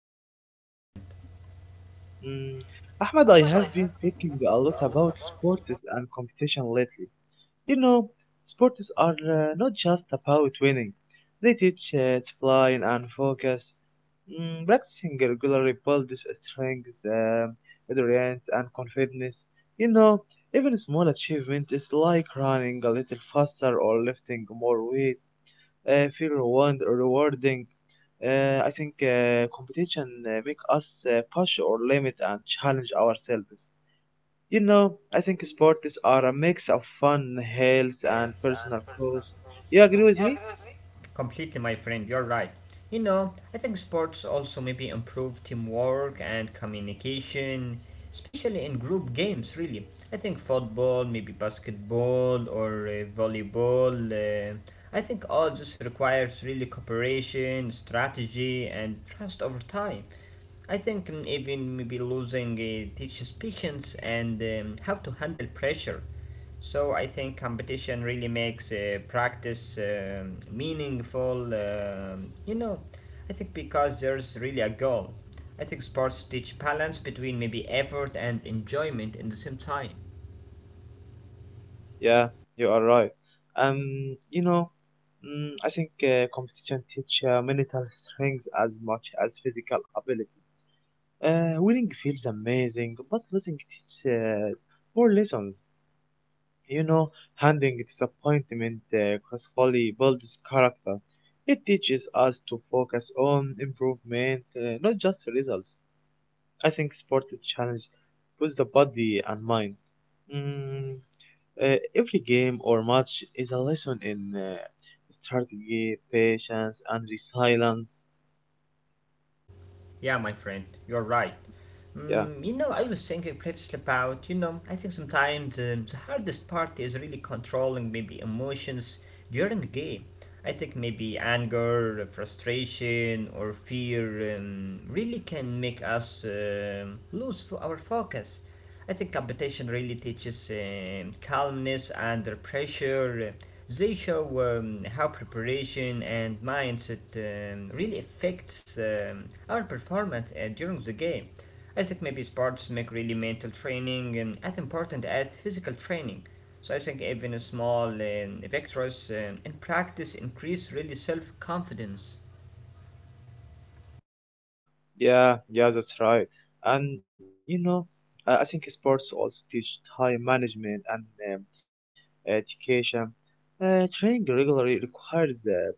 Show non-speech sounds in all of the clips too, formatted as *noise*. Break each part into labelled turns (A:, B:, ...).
A: fine, thank you, my friend.
B: Mm, Ahmed, I have been thinking a lot about sports and competition lately. You know, sports are not just about winning. They teach discipline and focus. Practicing regularly builds strength, endurance, and confidence. You know, even small achievements like running a little faster or lifting more weight feel rewarding. I think competition make us push or limit and challenge ourselves. You know, I think sports are a mix of fun, health, and personal growth. You agree with me?
A: Completely, my friend, you're right. You know, I think sports also maybe improve teamwork and communication, especially in group games, really. I think football, maybe basketball or volleyball, I think all this requires really cooperation, strategy, and trust over time. I think even maybe losing teaches patience and how to handle pressure. So I think competition really makes practice meaningful. I think because there's really a goal. I think sports teach balance between maybe effort and enjoyment in the same time.
B: Yeah, you are right. You know, I think competition teach mental strength as much as physical ability. Winning feels amazing, but losing teaches more lessons. You know, handling disappointment gracefully builds character. It teaches us to focus on improvement, not just results. I think sport challenge puts the body and mind. Mm, every game or match is a lesson in strategy, patience, and resilience.
A: Yeah, my friend, you're right.
B: Yeah.
A: Mm, you know, I was thinking previously about, you know, I think sometimes the hardest part is really controlling maybe emotions during a game. I think maybe anger, frustration, or fear really can make us our focus. I think competition really teaches calmness under pressure. They show how preparation and mindset really affects our performance during the game. I think maybe sports make really mental training as important as physical training. So I think even a small victories in practice increase really self confidence.
B: Yeah, yeah, that's right. And you know, I think sports also teach time management and um, education. Training regularly requires uh,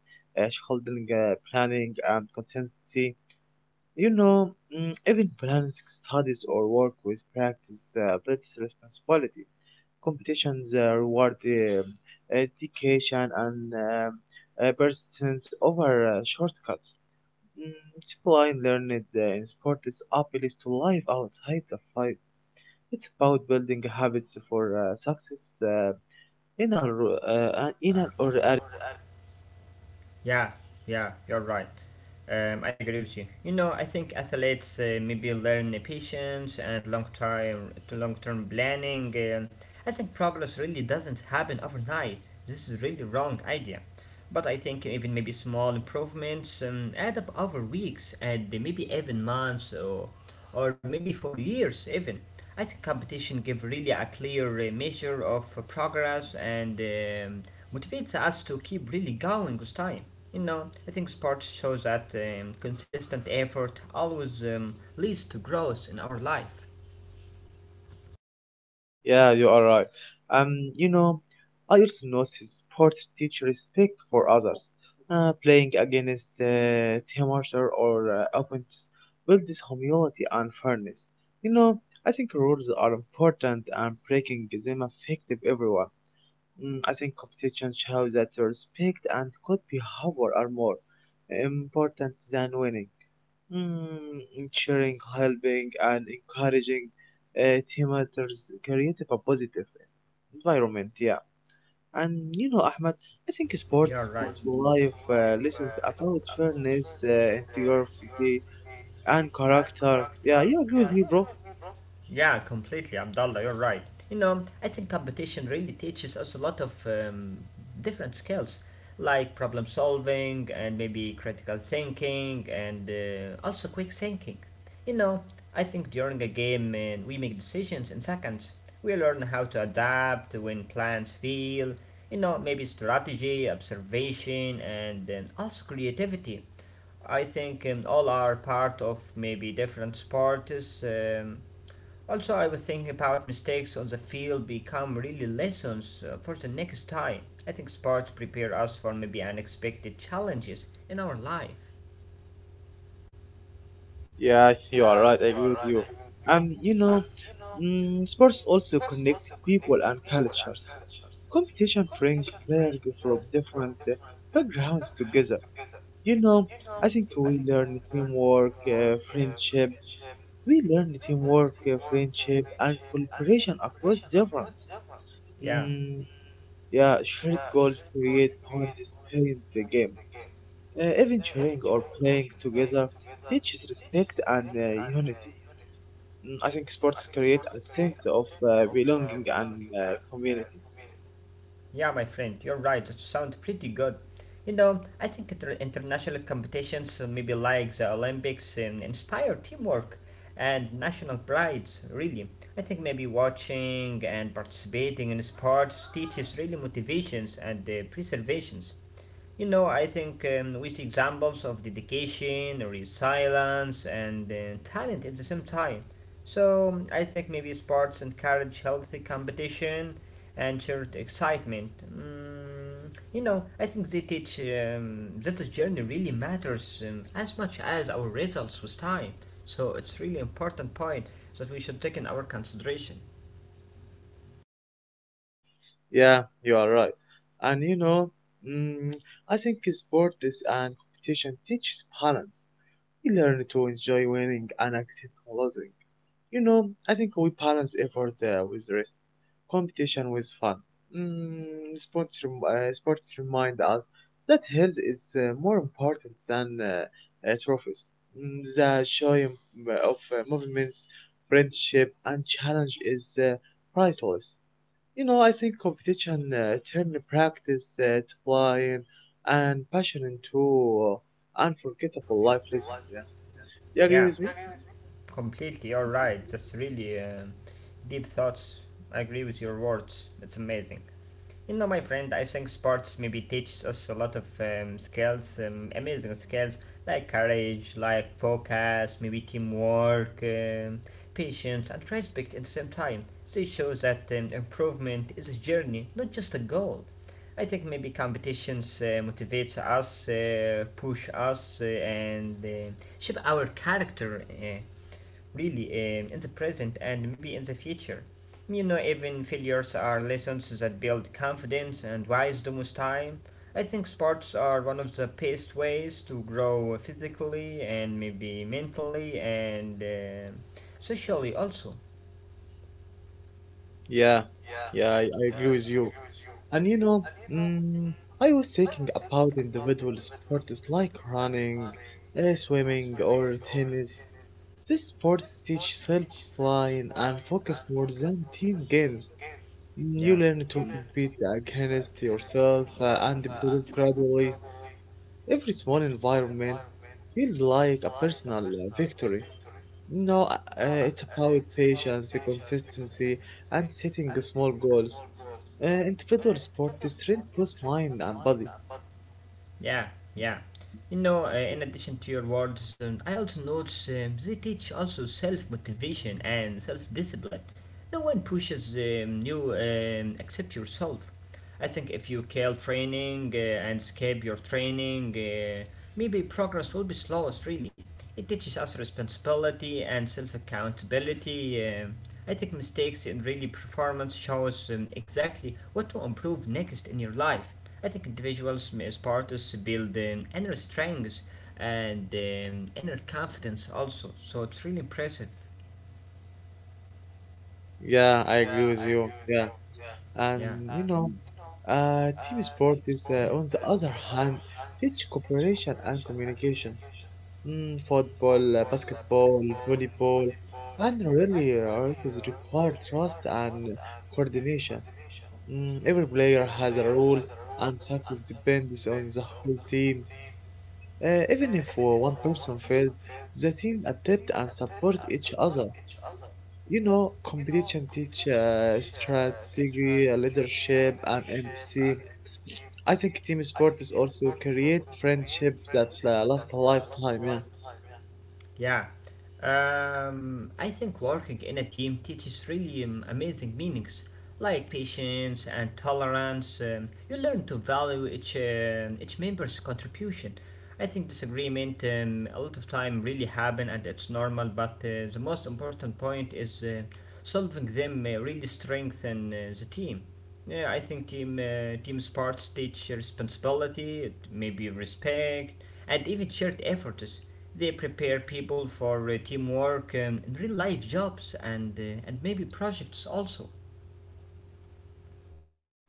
B: uh, holding planning and consistency. You know, even balancing studies or work with practice builds responsibility. Competitions reward education and persistence over shortcuts. Mm, Zipline learned in sport is appeals to life outside the fight. It's about building habits for success in a in an or a-
A: Yeah, yeah, you're right. I agree with you. You know, I think athletes maybe learn the patience and long term planning. I think progress really doesn't happen overnight. This is really wrong idea. But I think even maybe small improvements add up over weeks and maybe even months or maybe for years even. I think competition gives really a clear measure of progress and motivates us to keep really going with time. You know, I think sports shows that consistent effort always leads to growth in our life.
B: yeah, you are right. You know, I also notice sports teach respect for others. Playing against teammates or opponents builds humility and fairness. You know, I think rules are important and breaking them affect everyone. I think competition shows that respect and good behavior are more important than winning. Ensuring, helping, and encouraging team matters create a positive environment. Yeah, and you know, Ahmed, I think
A: You are
B: sports
A: right.
B: teach life lessons about fairness, integrity, and character. Yeah, you agree with me, bro?
A: Yeah, completely, Abdullah, you're right. You know, I think competition really teaches us a lot of different skills, like problem solving and maybe critical thinking and also quick thinking. You know, I think during a game, man, we make decisions in seconds. We learn how to adapt when plans fail. You know, maybe strategy, observation, and then also creativity. I think all are part of maybe different sports. Also, I was thinking about mistakes on the field become really lessons for the next time. I think sports prepare us for maybe unexpected challenges in our life.
B: Yeah, you are right. I agree with you. And you know, sports also connect people and cultures. Competition bring players from different backgrounds together. You know, I think we learn teamwork, friendship. We learn teamwork, friendship, and cooperation across difference.
A: Yeah,
B: Mm, yeah, shared goals create bonds in the game. Even cheering or playing together teaches respect and unity. I think sports create a sense of belonging and community.
A: yeah, my friend, you're right. That sounds pretty good. You know, I think international competitions, maybe like the Olympics, inspire teamwork and national prides. Really, I think maybe watching and participating in sports teaches really motivations and preservations. You know, I think we see examples of dedication, resilience, and talent at the same time. So I think maybe sports encourage healthy competition and shared excitement. Mm, you know, I think they teach that the journey really matters as much as our results with time. So it's really important point that we should take in our consideration.
B: Yeah, you are right. And you know, mm, I think sports and competition teaches balance. We learn to enjoy winning and accept losing. You know, I think we balance effort with rest, competition with fun. Mm, sports, sports remind us that health is more important than trophies. The joy of movements, friendship, and challenge is priceless. You know, I think competition turned practice, discipline, and passion into unforgettable life lessons. Yeah. You agree
A: Yeah,
B: with me?
A: completely. You're right. That's really deep thoughts. I agree with your words. It's amazing. You know, my friend, I think sports maybe teaches us a lot of skills, amazing skills like courage, like focus, maybe teamwork, patience, and respect at the same time. So it shows that improvement is a journey, not just a goal. I think maybe competitions motivates us, push us, and shape our character. Really in the present and maybe in the future. You know, even failures are lessons that build confidence and wisdom with time. I think sports are one of the best ways to grow physically and maybe mentally and socially also.
B: Yeah, yeah, I agree with you. And you know, I was thinking about individual sports like running, swimming, or tennis. These sports teach self-discipline and focus more than team games.
A: Yeah.
B: You learn to compete against yourself and improve gradually. Every small environment feels like a personal victory. No, it's about patience, the consistency, and setting small goals. Individual sport is trained both mind and body.
A: Yeah, yeah. You know, in addition to your words, I also notice they teach also self motivation and self discipline. No one pushes you except yourself. I think if you kill training and skip your training, maybe progress will be slowest really. It teaches us responsibility and self accountability. I think mistakes in really performance shows exactly what to improve next in your life. I think individuals may start to build inner strength and inner confidence also. So it's really impressive.
B: Yeah, I agree with you. Yeah,
A: Yeah.
B: and you know, team sport is, on the other hand, teach cooperation and communication. Football, basketball, volleyball, and really, this require trust and coordination. Every player has a role, and success depends on the whole team. Even if one person fails, the team adapt and support each other. You know, competition teach strategy, leadership, and empathy. I think team sport is also create friendships that last a lifetime. Yeah,
A: Yeah, I think working in a team teaches really amazing meanings like patience and tolerance. You learn to value each member's contribution. I think disagreement a lot of time really happen and it's normal. But the most important point is solving them really strengthen the team. Yeah, I think team sports teach responsibility, maybe respect, and even shared efforts. They prepare people for teamwork in real life jobs and maybe projects also.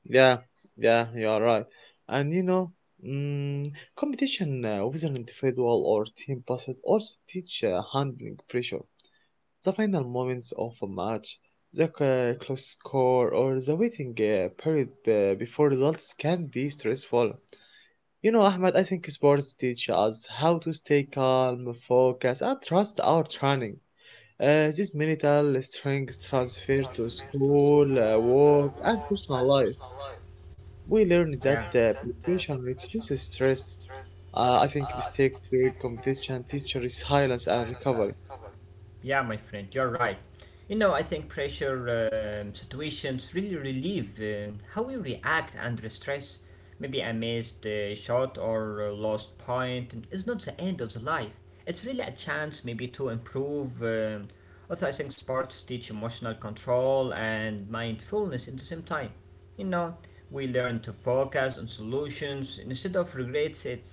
B: yeah, yeah. You are right. And you know, mm, competition with an individual or team, but it also teach handling pressure. The final moments of a match, the close score, or the waiting period before results can be stressful. You know, Ahmed, I think sports teach us how to stay calm, focus, and trust our training. This mental strength transfer to school, work, and personal life. We learn that preparation reduces stress. I think mistakes during competition teach resilience and recovery.
A: Yeah, my friend, you're right. You know, I think pressure situations really relieve how we react under stress. Maybe a missed shot or a lost point is not the end of the life. It's really a chance maybe to improve. Also, I think sports teach emotional control and mindfulness at the same time. You know, we learn to focus on solutions instead of regrets. It's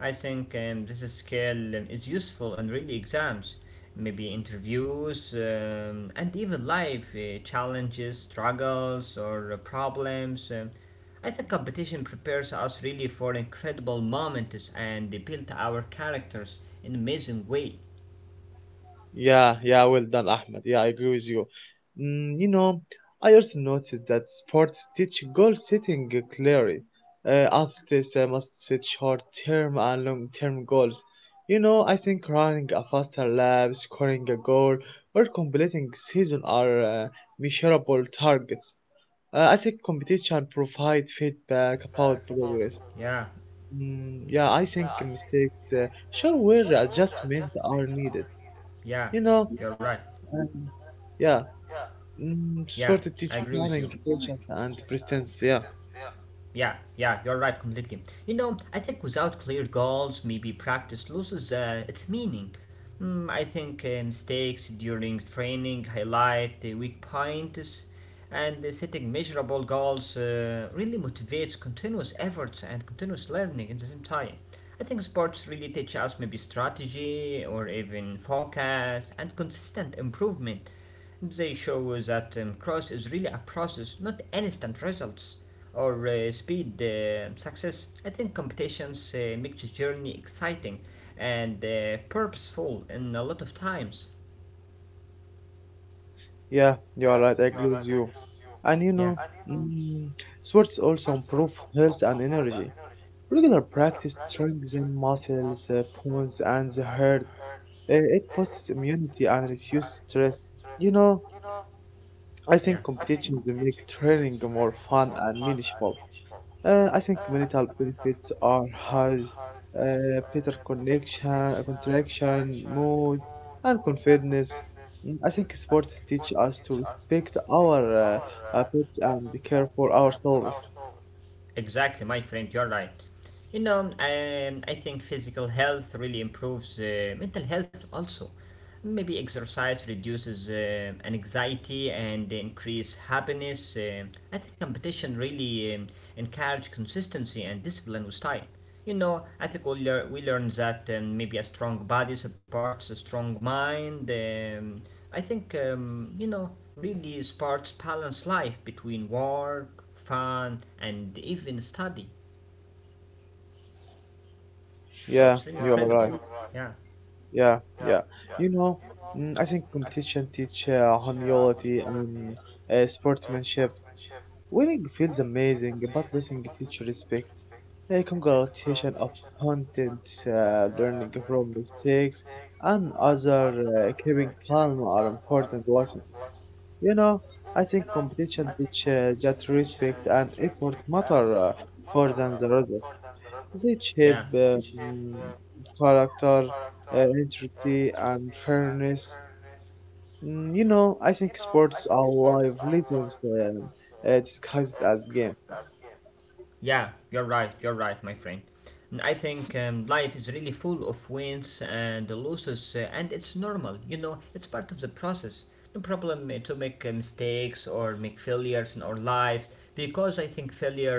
A: I think this skill is useful in really exams, maybe interviews, and even life challenges, struggles, or problems. I think competition prepares us really for incredible moments and they build our characters in an amazing way.
B: Yeah, yeah, well done, Ahmed. Yeah, I agree with you. You know, I also noticed that sports teach goal setting clearly. Athletes must set short term and long term goals. You know, I think running a faster lap, scoring a goal, or completing season are measurable targets. I think competition provide feedback about progress.
A: Yeah,
B: Yeah, I think mistakes show where adjustments are needed.
A: yeah,
B: You know,
A: you're right.
B: and yeah,
A: Yeah,
B: sort of
A: I
B: teach
A: agree with you.
B: planning, patience, and persistence. Yeah,
A: Yeah, yeah, you're right completely. You know, I think without clear goals, maybe practice loses its meaning. Mm, I think mistakes during training highlight the weak points, and setting measurable goals really motivates continuous efforts and continuous learning at the same time. I think sports really teach us maybe strategy or even focus and consistent improvement. They show us that cross is really a process, not instant results or speed success. I think competitions make the journey exciting and purposeful in a lot of times.
B: yeah, you are right. I agree with you. And you
A: Yeah,
B: know, mm, sports also improve health and energy. Regular practice strengthens muscles, bones, and the heart. It boosts immunity and reduces stress. You know, I
A: yeah,
B: think competitions make training more fun and meaningful. I think communal benefits are high, better connection, contraction, mood, and confidence. I think sports teach us to respect our pets and care for ourselves.
A: exactly, my friend, you're right. You know, I think physical health really improves mental health also. Maybe exercise reduces anxiety and increase happiness. I think competition really encourage consistency and discipline with time. You know, I think we learned that maybe a strong body supports a strong mind. I think, you know, really supports balanced life between work, fun, and even study. So
B: Yeah,
A: it's really
B: you are right.
A: incredible.
B: Yeah, yeah. You know, I think competition teach humility and sportsmanship. Winning feels amazing, but losing teaches respect. A congratulation of content, learning from mistakes, and other keeping calm are important lessons. You know, I think competition teaches that respect and effort matter more than the result. They
A: Yeah.
B: shape character, integrity, and fairness. You know, I think sports are live lessons disguised as game.
A: Yeah, you're right, my friend. And I think life is really full of wins and losses, and it's normal, you know, it's part of the process. No problem to make mistakes or make failures in our life because I think failure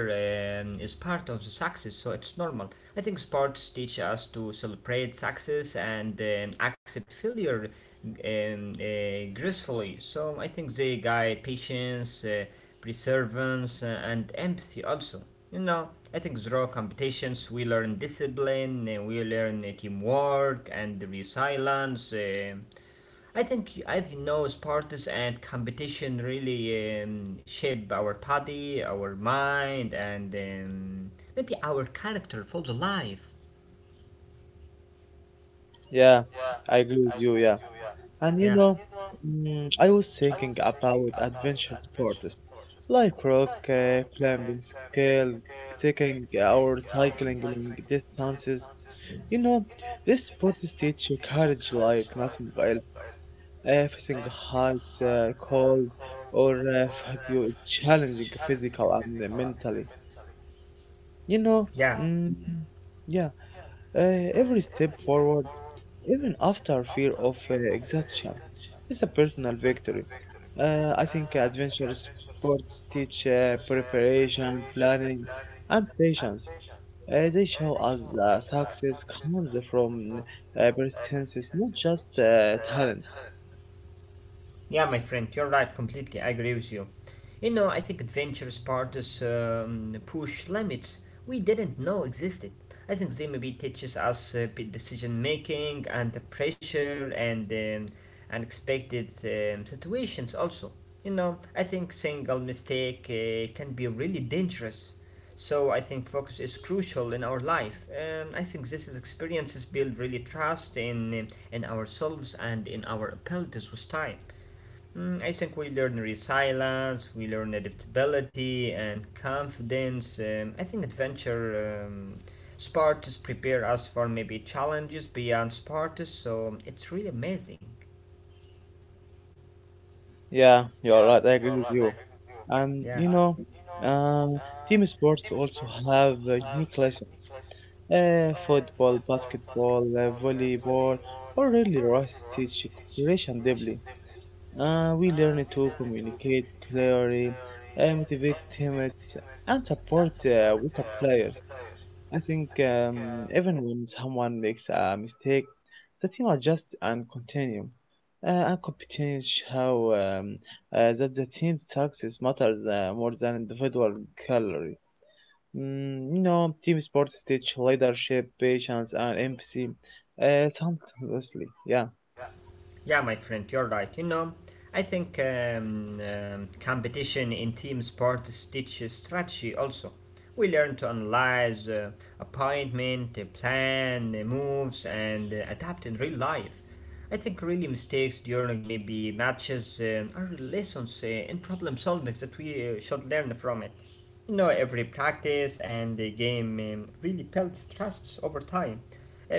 A: is part of the success, so it's normal. I think sports teach us to celebrate success and accept failure gracefully. So I think they guide patience. Perseverance, and empathy also. You know, ethics draw competitions, we learn discipline, we learn teamwork and resilience. I think those parties and competition really shape our body, our mind, and maybe our character for the life.
B: Yeah, I agree with you. Yeah, and you
A: Yeah.
B: know, I was thinking about adventure sports like rock climbing, scale, trekking, or cycling long distances. You know, these sports teach you courage like nothing else. Facing heights, cold, or fatigue is challenging physical and mentally. You know,
A: Yeah.
B: mm, yeah, every step forward even after fear of exhaustion, it's a personal victory. I think adventure sports teach preparation, planning, and patience. They show us success comes from persistence, not just talent.
A: Yeah, my friend, you're right. Completely, I agree with you. You know, I think adventurous parties push limits we didn't know existed. I think they maybe teaches us decision making and the pressure and unexpected situations. Also, you know, I think single mistake can be really dangerous. So I think focus is crucial in our life. I think this is experiences build really trust in ourselves and in our abilities with time. Mm, I think we learn resilience, we learn adaptability and confidence. I think adventure sports prepare us for maybe challenges beyond sports, so it's really amazing.
B: Yeah, you're right. I agree with you. And
A: Yeah.
B: you know, uh, team sports also have unique lessons. Football, basketball, volleyball, or really rice teach cooperation deeply. We learn to communicate clearly, motivate teammates, and support weaker players. I think even when someone makes a mistake, the team adjusts and continue. And competition show that the team success matters more than individual color. You know, team sports teach leadership, patience, and empathy. Something, honestly. Yeah,
A: Yeah, my friend, you're right. You know, I think competition in team sports teaches strategy also. We learn to analyze appointment, plan, moves, and adapt in real life. I think really mistakes during maybe matches are lessons in problem solving that we should learn from it. You know, every practice and the game really builds trusts over time.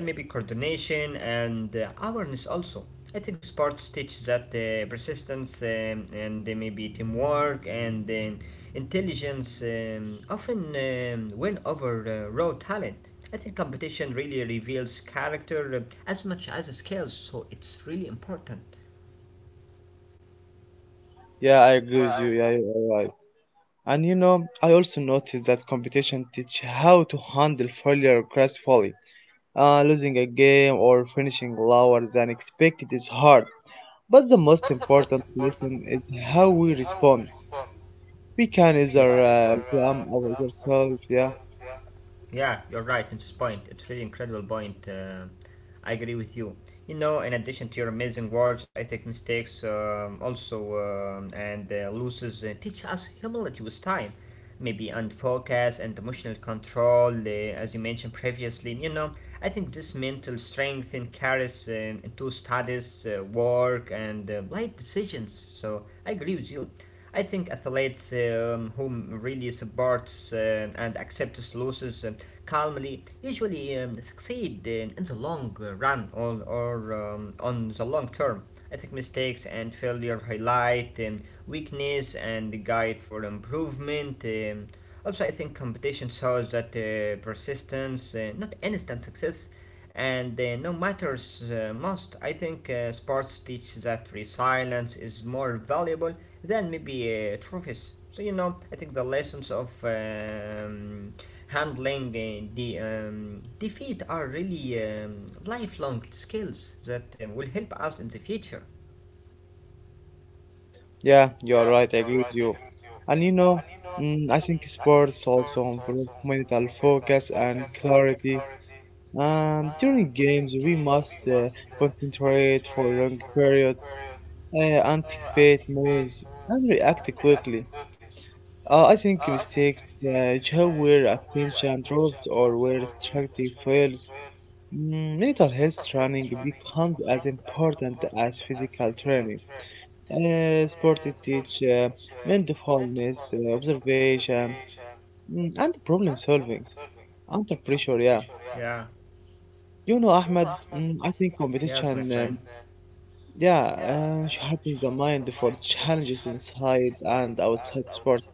A: Maybe coordination and awareness also. I think sports teach that persistence and maybe teamwork and intelligence often win over raw talent. I think competition really reveals character as much as skills, so it's really important.
B: yeah, I agree with you. Yeah, you're right. And you know, I also noticed that competition teach how to handle failure gracefully. Losing a game or finishing lower than expected is hard, but the most important lesson is how we respond. We can either blame ourselves, yeah.
A: Yeah, you're right in this point. It's really incredible point. I agree with you. You know, in addition to your amazing words, I think mistakes also and losses teach us humility with time. Maybe and focus and emotional control, as you mentioned previously. You know, I think this mental strength and carries into studies, work, and life decisions. So I agree with you. I think athletes whom really supports and accepts losses calmly usually succeed in the long run or on the long term. I think mistakes and failure highlight weakness and guide for improvement. Also, I think competition shows that persistence, not instant success, and no matters most. I think sports teach that resilience is more valuable then maybe trophies. So you know, I think the lessons of handling the defeat are really lifelong skills that will help us in the future.
B: Yeah, you're right. I agree with you. And you know, I think sports also improve mental focus and clarity. During games, we must concentrate for long periods, anticipate moves, and react quickly. I think mistakes show where attention drops or where strategy fails. Mental health training becomes as important as physical training. Sport it teach mindfulness, observation, and problem solving under pressure. Yeah,
A: Yeah,
B: you know, Ahmed. I think competition.
A: yes, my friend.
B: Yeah, sharpens the mind for challenges inside and outside sports.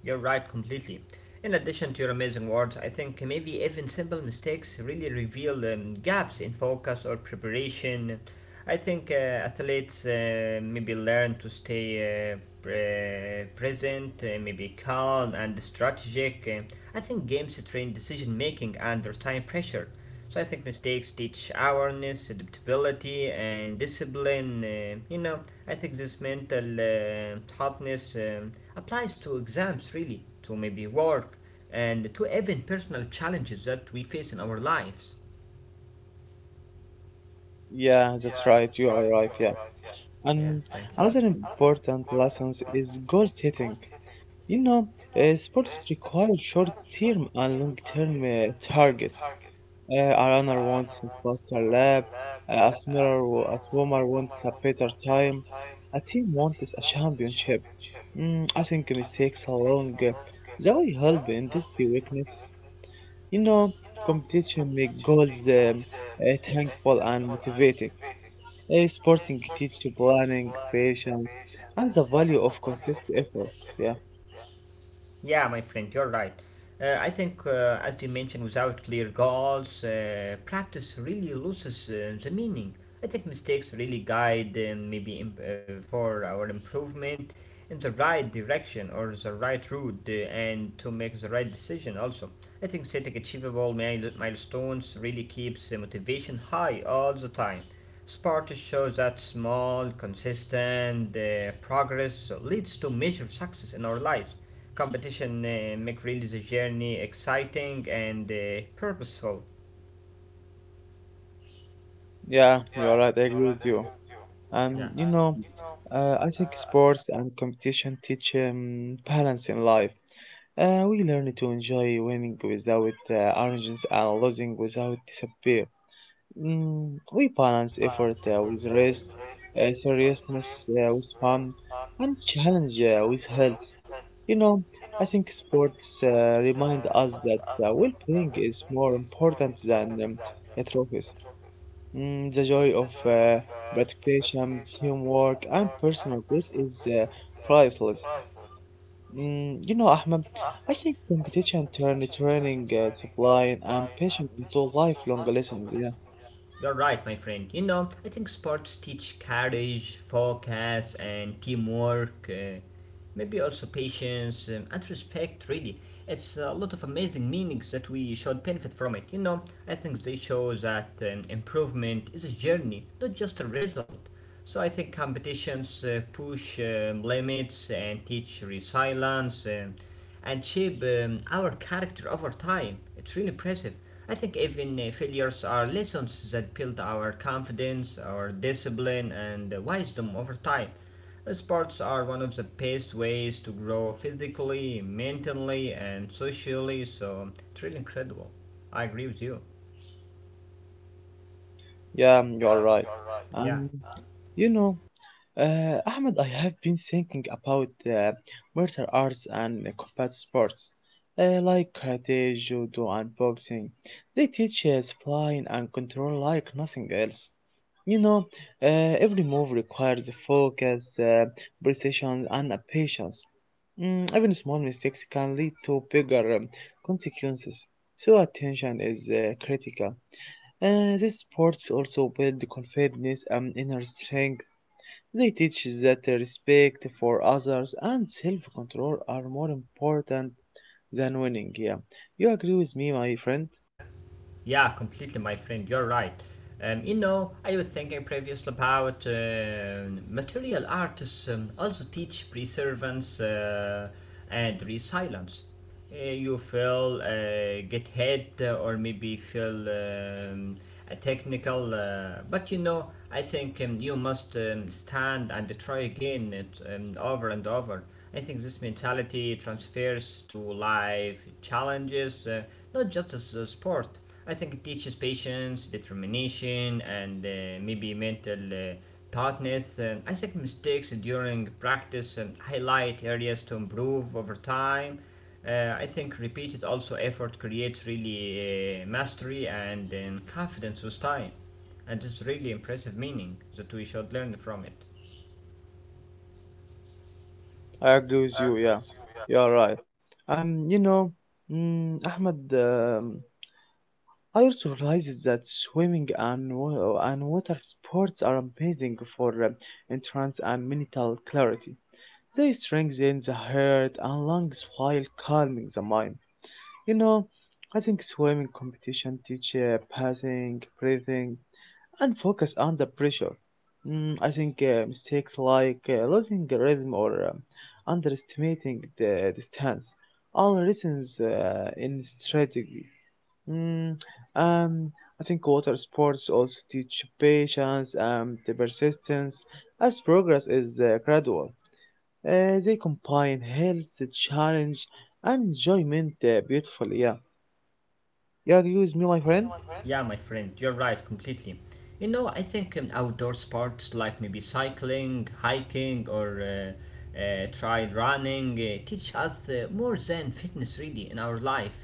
A: You're right completely. In addition to your amazing words, I think maybe even simple mistakes really reveal gaps in focus or preparation. I think athletes maybe learn to stay present, maybe calm and strategic. I think games train decision making under time pressure. So I think mistakes teach awareness, adaptability, and discipline. You know, I think this mental toughness applies to exams, really, to maybe work, and to even personal challenges that we face in our lives.
B: Yeah, that's right. You are right. Yeah, and
A: Yeah.
B: another important lessons is goal setting. You know, sports require short-term and long-term targets. A runner wants a faster lap. A swimmer, a swimmer wants a better time. A team wants a championship. I think mistakes along the way help in these two weaknesses. You know, competition make goals thankful and motivating. Sporting teach planning, patience, and the value of consistent effort. Yeah,
A: Yeah, my friend, you're right. I think, as you mentioned, without clear goals, practice really loses the meaning. I think mistakes really guide maybe for our improvement, in the right direction or the right route and to make the right decision also. I think setting achievable milestones really keeps the motivation high all the time. Sport shows that small consistent progress leads to measured success in our lives. Competition make really the journey exciting and purposeful.
B: yeah, you are right. I agree with you. And
A: Yeah.
B: you know, I think sports and competition teach balance in life. We learn to enjoy winning without arrogance and losing without disappear. We balance effort with rest, seriousness with fun, and challenge with health. You know, I think sports remind us that well-being is more important than trophies. The joy of participation, teamwork, and personal growth is priceless. You know, Ahmed, I think competition turns training, supply, and passion into lifelong lessons. Yeah,
A: You're right, my friend. You know, I think sports teach courage, focus, and teamwork. Maybe also patience and respect. Really, it's a lot of amazing meanings that we should benefit from it. You know, I think they show that improvement is a journey, not just a result. So I think competitions push limits and teach resilience. And shape our character over time. It's really impressive. I think even failures are lessons that build our confidence, our discipline, and wisdom over time. Sports are one of the best ways to grow physically, mentally, and socially, so it's really incredible. I agree with you.
B: yeah, you are right. Um,
A: Yeah.
B: you know. Ahmed, I have been thinking about martial arts and combat sports, like karate, judo, and boxing. They teach spline and control like nothing else. You know, every move requires focus, precision, and patience. Even small mistakes can lead to bigger consequences. So attention is critical. These sports also build confidence and inner strength. They teach that respect for others and self-control are more important than winning. Yeah, you agree with me, my friend?
A: Yeah, completely, my friend. You're right. You know, I was thinking previously about material artists also teach preservance and resilience. You feel get hit or maybe feel a technical. But you know, I think you must stand and try again it, over and over. I think this mentality transfers to life challenges, not just as a sport. I think it teaches patience, determination, and maybe mental toughness. I think mistakes during practice highlight areas to improve over time. I think repeated also effort creates really mastery and then confidence with time, and it's really impressive meaning that we should learn from it.
B: I agree with you. Yeah, you are right. Um, you know, Ahmed, I also realized that swimming and water sports are amazing for entrance and mental clarity. They strengthen the heart and lungs while calming the mind. You know, I think swimming competition teach passing, breathing, and focus under pressure. I think mistakes like losing the rhythm or underestimating the distance all lessons in strategy. Mm, um, I think water sports also teach patience and the persistence as progress is gradual. They combine health, challenge, and enjoyment beautifully. Yeah. Yeah, agree with me, my friend.
A: Yeah, my friend, you're right completely. You know, I think outdoor sports like maybe cycling, hiking, or try running teach us more than fitness really in our life.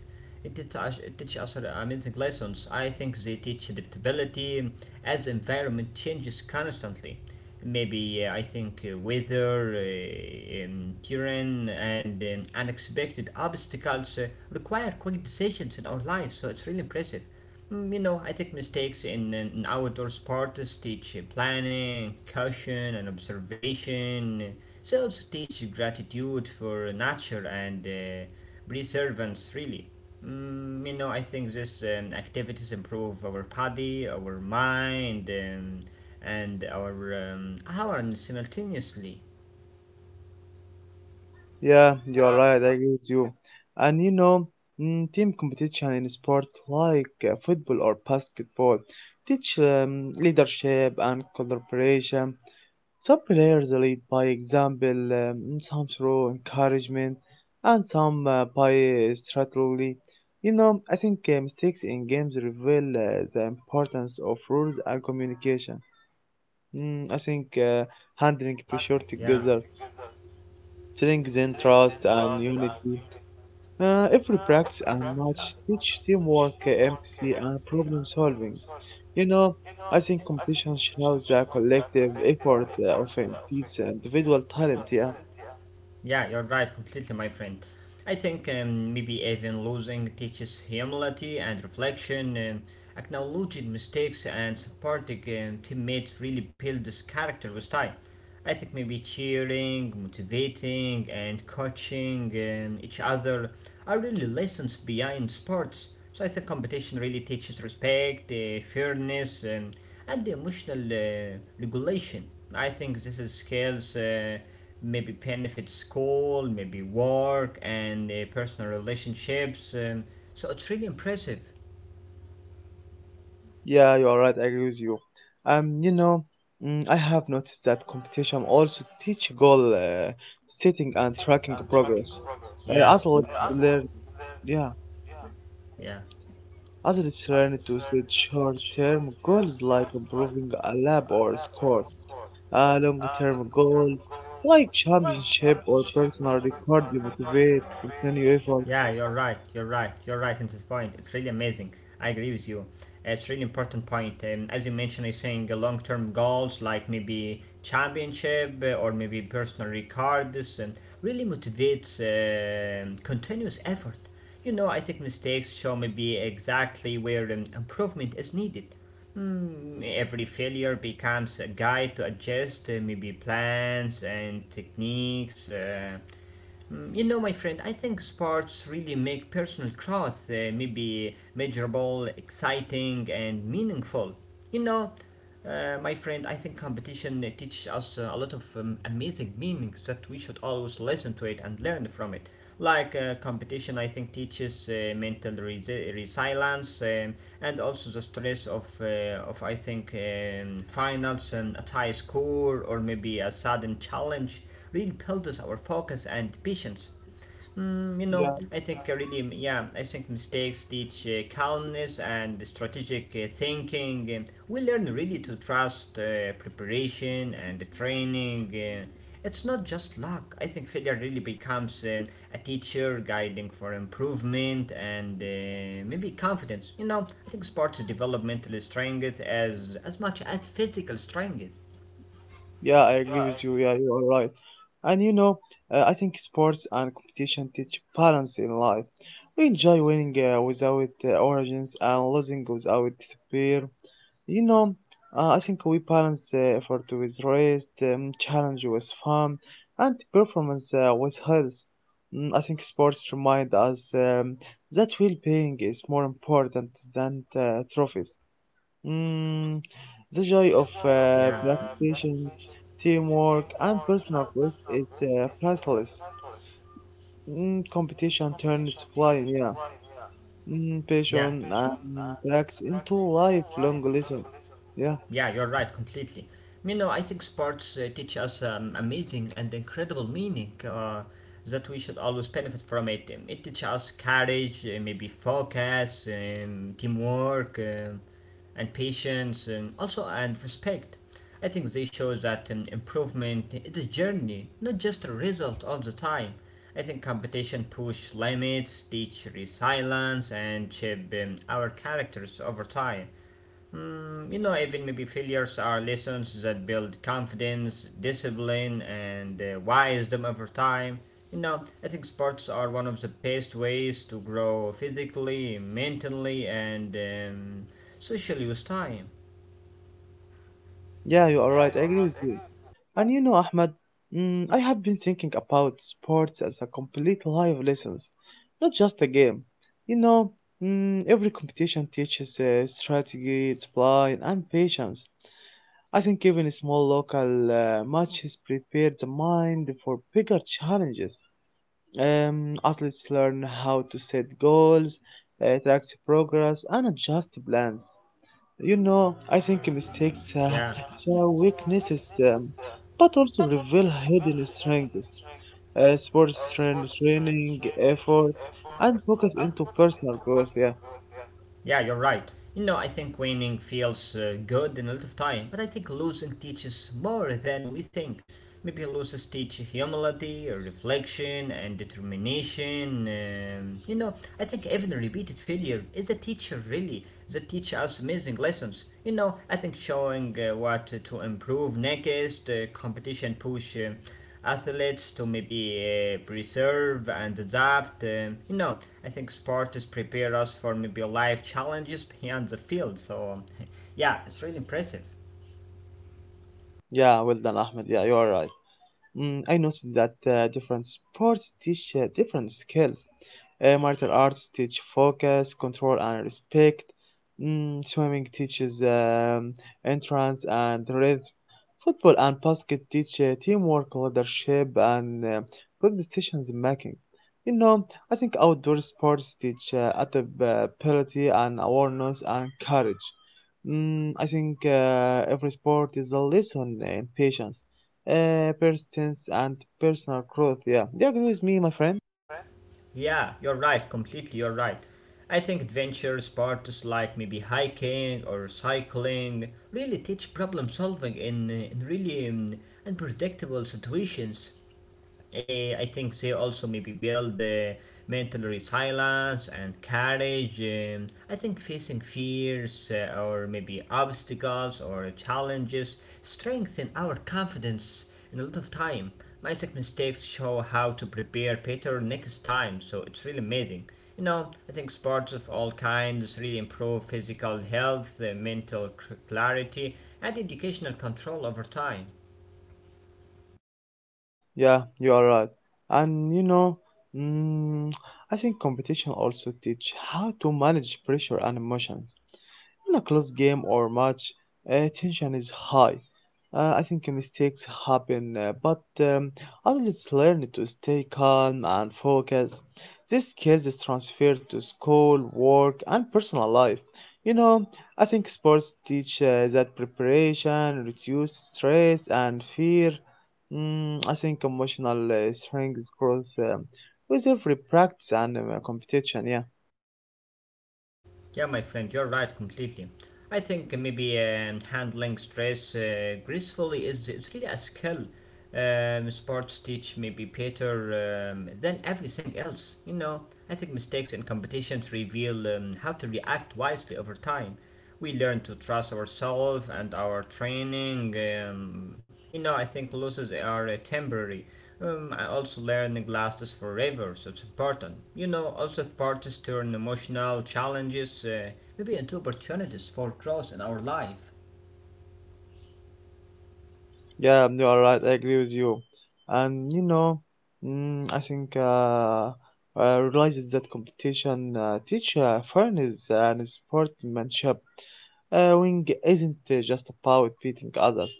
A: It teach us amazing lessons. I think they teach adaptability as environment changes constantly. Maybe I think weather, terrain, and unexpected obstacles require quick decisions in our lives. So it's really impressive. You know, I think mistakes in an outdoor sport teach planning, caution, and observation. They also teach gratitude for nature and preservance, really. You know, I think these activities improve our body, our mind, and our awareness simultaneously.
B: Yeah, you are right. I agree with you. And team competition in sports like football or basketball teach leadership and collaboration. Some players lead by example, some through encouragement, and some by strategy. You know, I think Mistakes in games reveal the importance of rules and communication. Mm, I think Handling pressure together strengthens trust and unity. Every practice and match teach teamwork, empathy, and problem solving. You know, I think competition shows the collective effort of entities and individual talent. Yeah,
A: Yeah, you're right, completely, my friend. I think maybe even losing teaches humility and reflection, acknowledging mistakes and supporting teammates really builds character with time. I think maybe cheering, motivating, and coaching each other are really lessons behind sports. So I think competition really teaches respect, fairness, and emotional regulation. I think this is skills maybe benefit school, maybe work, and personal relationships. So it's really impressive.
B: yeah, you are right. I agree with you. Um, you know, I have noticed that competition also teach goal setting and tracking progress.
A: Yeah,
B: Athletes learn, yeah.
A: yeah.
B: Adults learn to set short-term goals like improving a lab or score. Long-term goals like championship or personal record to motivate continued effort.
A: Yeah, you're right. You're right. You're right in this point. It's really amazing. I agree with you. It's really important point. As you mentioned, I think long-term goals like maybe championship or maybe personal records and really motivates continuous effort. You know, I think mistakes show maybe exactly where improvement is needed. Every failure becomes a guide to adjust maybe plans and techniques. You know, my friend, I think sports really make personal growth maybe measurable, exciting, and meaningful. You know, my friend, I think competition teaches us a lot of amazing meanings that we should always listen to it and learn from it. Like competition, I think teaches mental resilience and also the stress of I think, finals and a high score or maybe a sudden challenge really builds our focus and patience. You know, I think really, yeah, I think mistakes teach calmness and strategic thinking. We learn really to trust preparation and training. It's not just luck. I think failure really becomes a teacher guiding for improvement and maybe confidence. You know, I think sports develop mental strength as much as physical strength.
B: Yeah, I agree with you. Yeah, you are right. And I think sports and competition teach balance in life. We enjoy winning without origins and losing without despair. You know, I think we balance effort with rest, challenge with fun, and performance with health. I think sports remind us that well-being is more important than trophies. Mm, the joy of
A: Yeah,
B: preparation, teamwork, and personal growth is priceless. Competition turns flying, yeah.
A: yeah.
B: Passion and practice into lifelong lessons. Yeah,
A: Yeah, you're right, completely. You know, I think sports teach us amazing and incredible meaning that we should always benefit from it. It teaches us courage, maybe focus, teamwork, and patience, and also and respect. I think they show that improvement is a journey, not just a result all the time. I think competition push limits, teach resilience, and shape our characters over time. You know, even maybe failures are lessons that build confidence, discipline, and wisdom over time. You know, I think sports are one of the best ways to grow physically, mentally, and socially with time.
B: yeah, you are right. I agree with you. And, Ahmed, I have been thinking about sports as a complete life lessons, not just a game. You know, every competition teaches strategy, discipline, and patience. I think even small local matches prepare the mind for bigger challenges. Athletes learn how to set goals, track progress, and adjust plans. You know, I think mistakes
A: Yeah.
B: Show weaknesses, but also reveal hidden strengths. Sports train, training, effort, and focus into personal growth. Yeah,
A: Yeah, you're right. You know, I think winning feels good in a lot of time, but I think losing teaches more than we think. Maybe losses teach humility, reflection, and determination. You know, I think even repeated failure is a teacher, really, that teaches us amazing lessons. You know, I think showing what to improve next, competition push athletes to maybe preserve and adapt. You know, I think sports prepare us for maybe life challenges beyond the field. So, *laughs* yeah, it's really impressive.
B: yeah, well done, Ahmed. Yeah, you are right. I noticed that different sports teach different skills. Martial arts teach focus, control, and respect. Swimming teaches entrance and rhythm. Football and basket teach teamwork, leadership, and good decisions making. You know, I think outdoor sports teach adaptability and awareness and courage. Mm, I think Every sport is a lesson in patience persistence and personal growth. Yeah, do you agree with me, my friend?
A: Yeah, you're right, completely, you're right. I think adventure sports like maybe hiking or cycling really teach problem solving in really unpredictable situations. I think they also maybe build the mental resilience and courage. I think facing fears or maybe obstacles or challenges strengthen our confidence in a lot of time. My tech mistakes show how to prepare better next time, so it's really amazing. You know, I think sports of all kinds really improve physical health, mental clarity, and educational control over time.
B: Yeah, you are right. And mm, I think competition also teach how to manage pressure and emotions. In a close game or match, tension is high. I think mistakes happen, but athletes learn to stay calm and focused. This skills is transferred to school, work, and personal life. You know, I think sports teach that preparation, reduce stress and fear. I think emotional strength grows with every practice and competition. Yeah.
A: Yeah, my friend, you're right completely. I think maybe handling stress gracefully is it's really a skill. Sports teach maybe better than everything else. You know, I think mistakes in competitions reveal how to react wisely over time. We learn to trust ourselves and our training. You know, I think losses are temporary. I also learned glasses for rivers, so it's important. You know, also parties turn emotional challenges maybe into opportunities for growth in our life.
B: Yeah, you are right. I agree with you. And mm, I think uh, I realized that competition teach fairness and sportsmanship. Winning isn't just about beating others.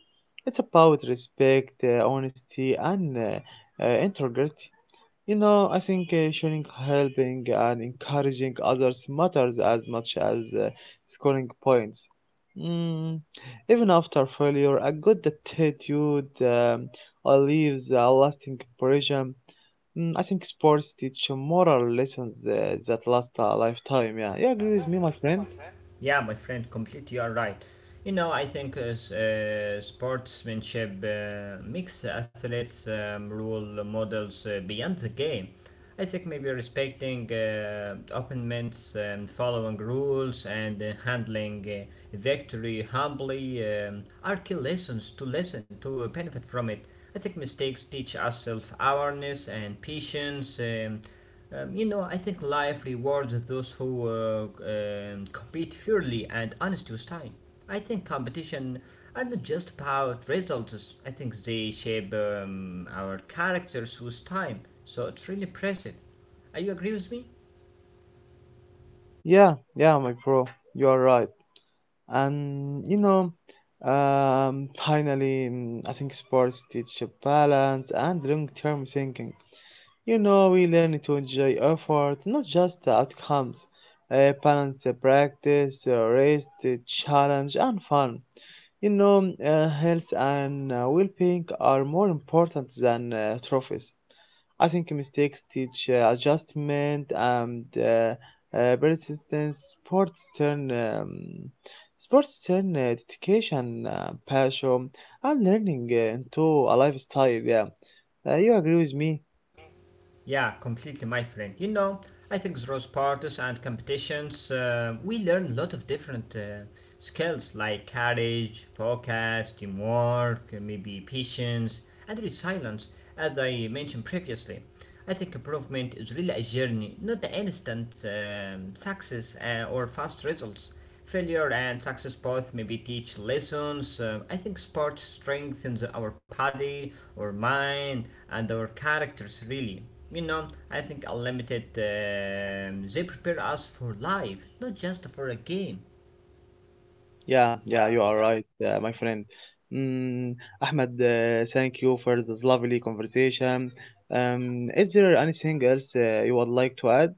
B: It's about respect, honesty, and integrity. You know, I think Showing helping and encouraging others matters as much as scoring points. Mm, Even after failure, a good attitude leaves a lasting impression. I think sports teach moral lessons that last a lifetime. Yeah, you agree with me, my friend?
A: Yeah, my friend, completely you're right. You know, I think sportsmanship makes athletes role models beyond the game. I think maybe respecting opponents, following rules, and handling victory humbly are key lessons to listen to benefit from it. I think mistakes teach us self awareness and patience. You know, I think life rewards those who compete fairly and honest with time. I think competition are not just about results. I think they shape our characters with time. So it's really impressive. Are you agree with me?
B: Yeah, yeah, my bro, you are right. And, finally, I think sports teach you balance and long-term thinking. You know, we learn to enjoy effort, not just the outcomes. Balance practice, rest, challenge, and fun. Health and well-being are more important than trophies. I think mistakes teach adjustment and persistence. Sports turn um, Sports turn dedication, passion, and learning into a lifestyle. Yeah, you agree with me?
A: Yeah, completely, my friend. You know, I think those parties and competitions, we learn a lot of different skills like courage, focus, teamwork, maybe patience, and resilience, as I mentioned previously. I think improvement is really a journey, not the instant success or fast results. Failure and success both maybe teach lessons. I think sports strengthens our body, our mind, and our characters really. You know, I think unlimited, they prepare us for life, not just for a game.
B: Yeah, yeah, you are right, my friend. Mm, Ahmed, thank you for this lovely conversation. Is there anything else you would like to add?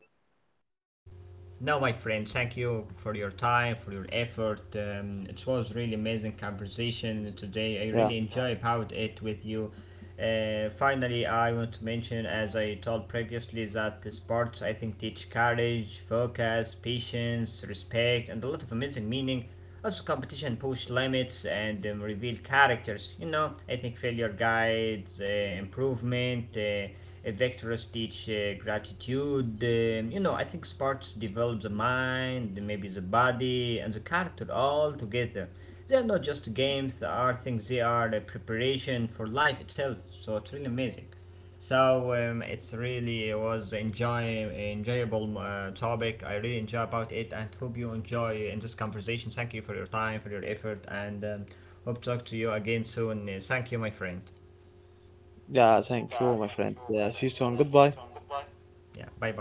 A: No, my friend, thank you for your time, for your effort. It was really amazing conversation today. I
B: Yeah,
A: really enjoyed about it with you. Finally, I want to mention, as I told previously, that the sports I think teach courage, focus, patience, respect, and a lot of amazing meaning. Also, competition push limits and reveal characters. You know, I think failure guides improvement. Vectors teach gratitude. You know, I think sports develop the mind, maybe the body, and the character all together. They are not just games, they are things, they are the preparation for life itself. So it's really amazing. So it's really was enjoyable topic. I really enjoy about it and hope you enjoy in this conversation. Thank you for your time, for your effort, and hope to talk to you again soon. Thank you, my friend.
B: yeah, thank you, my friend. Yeah, see you soon. Goodbye.
A: Yeah, bye bye.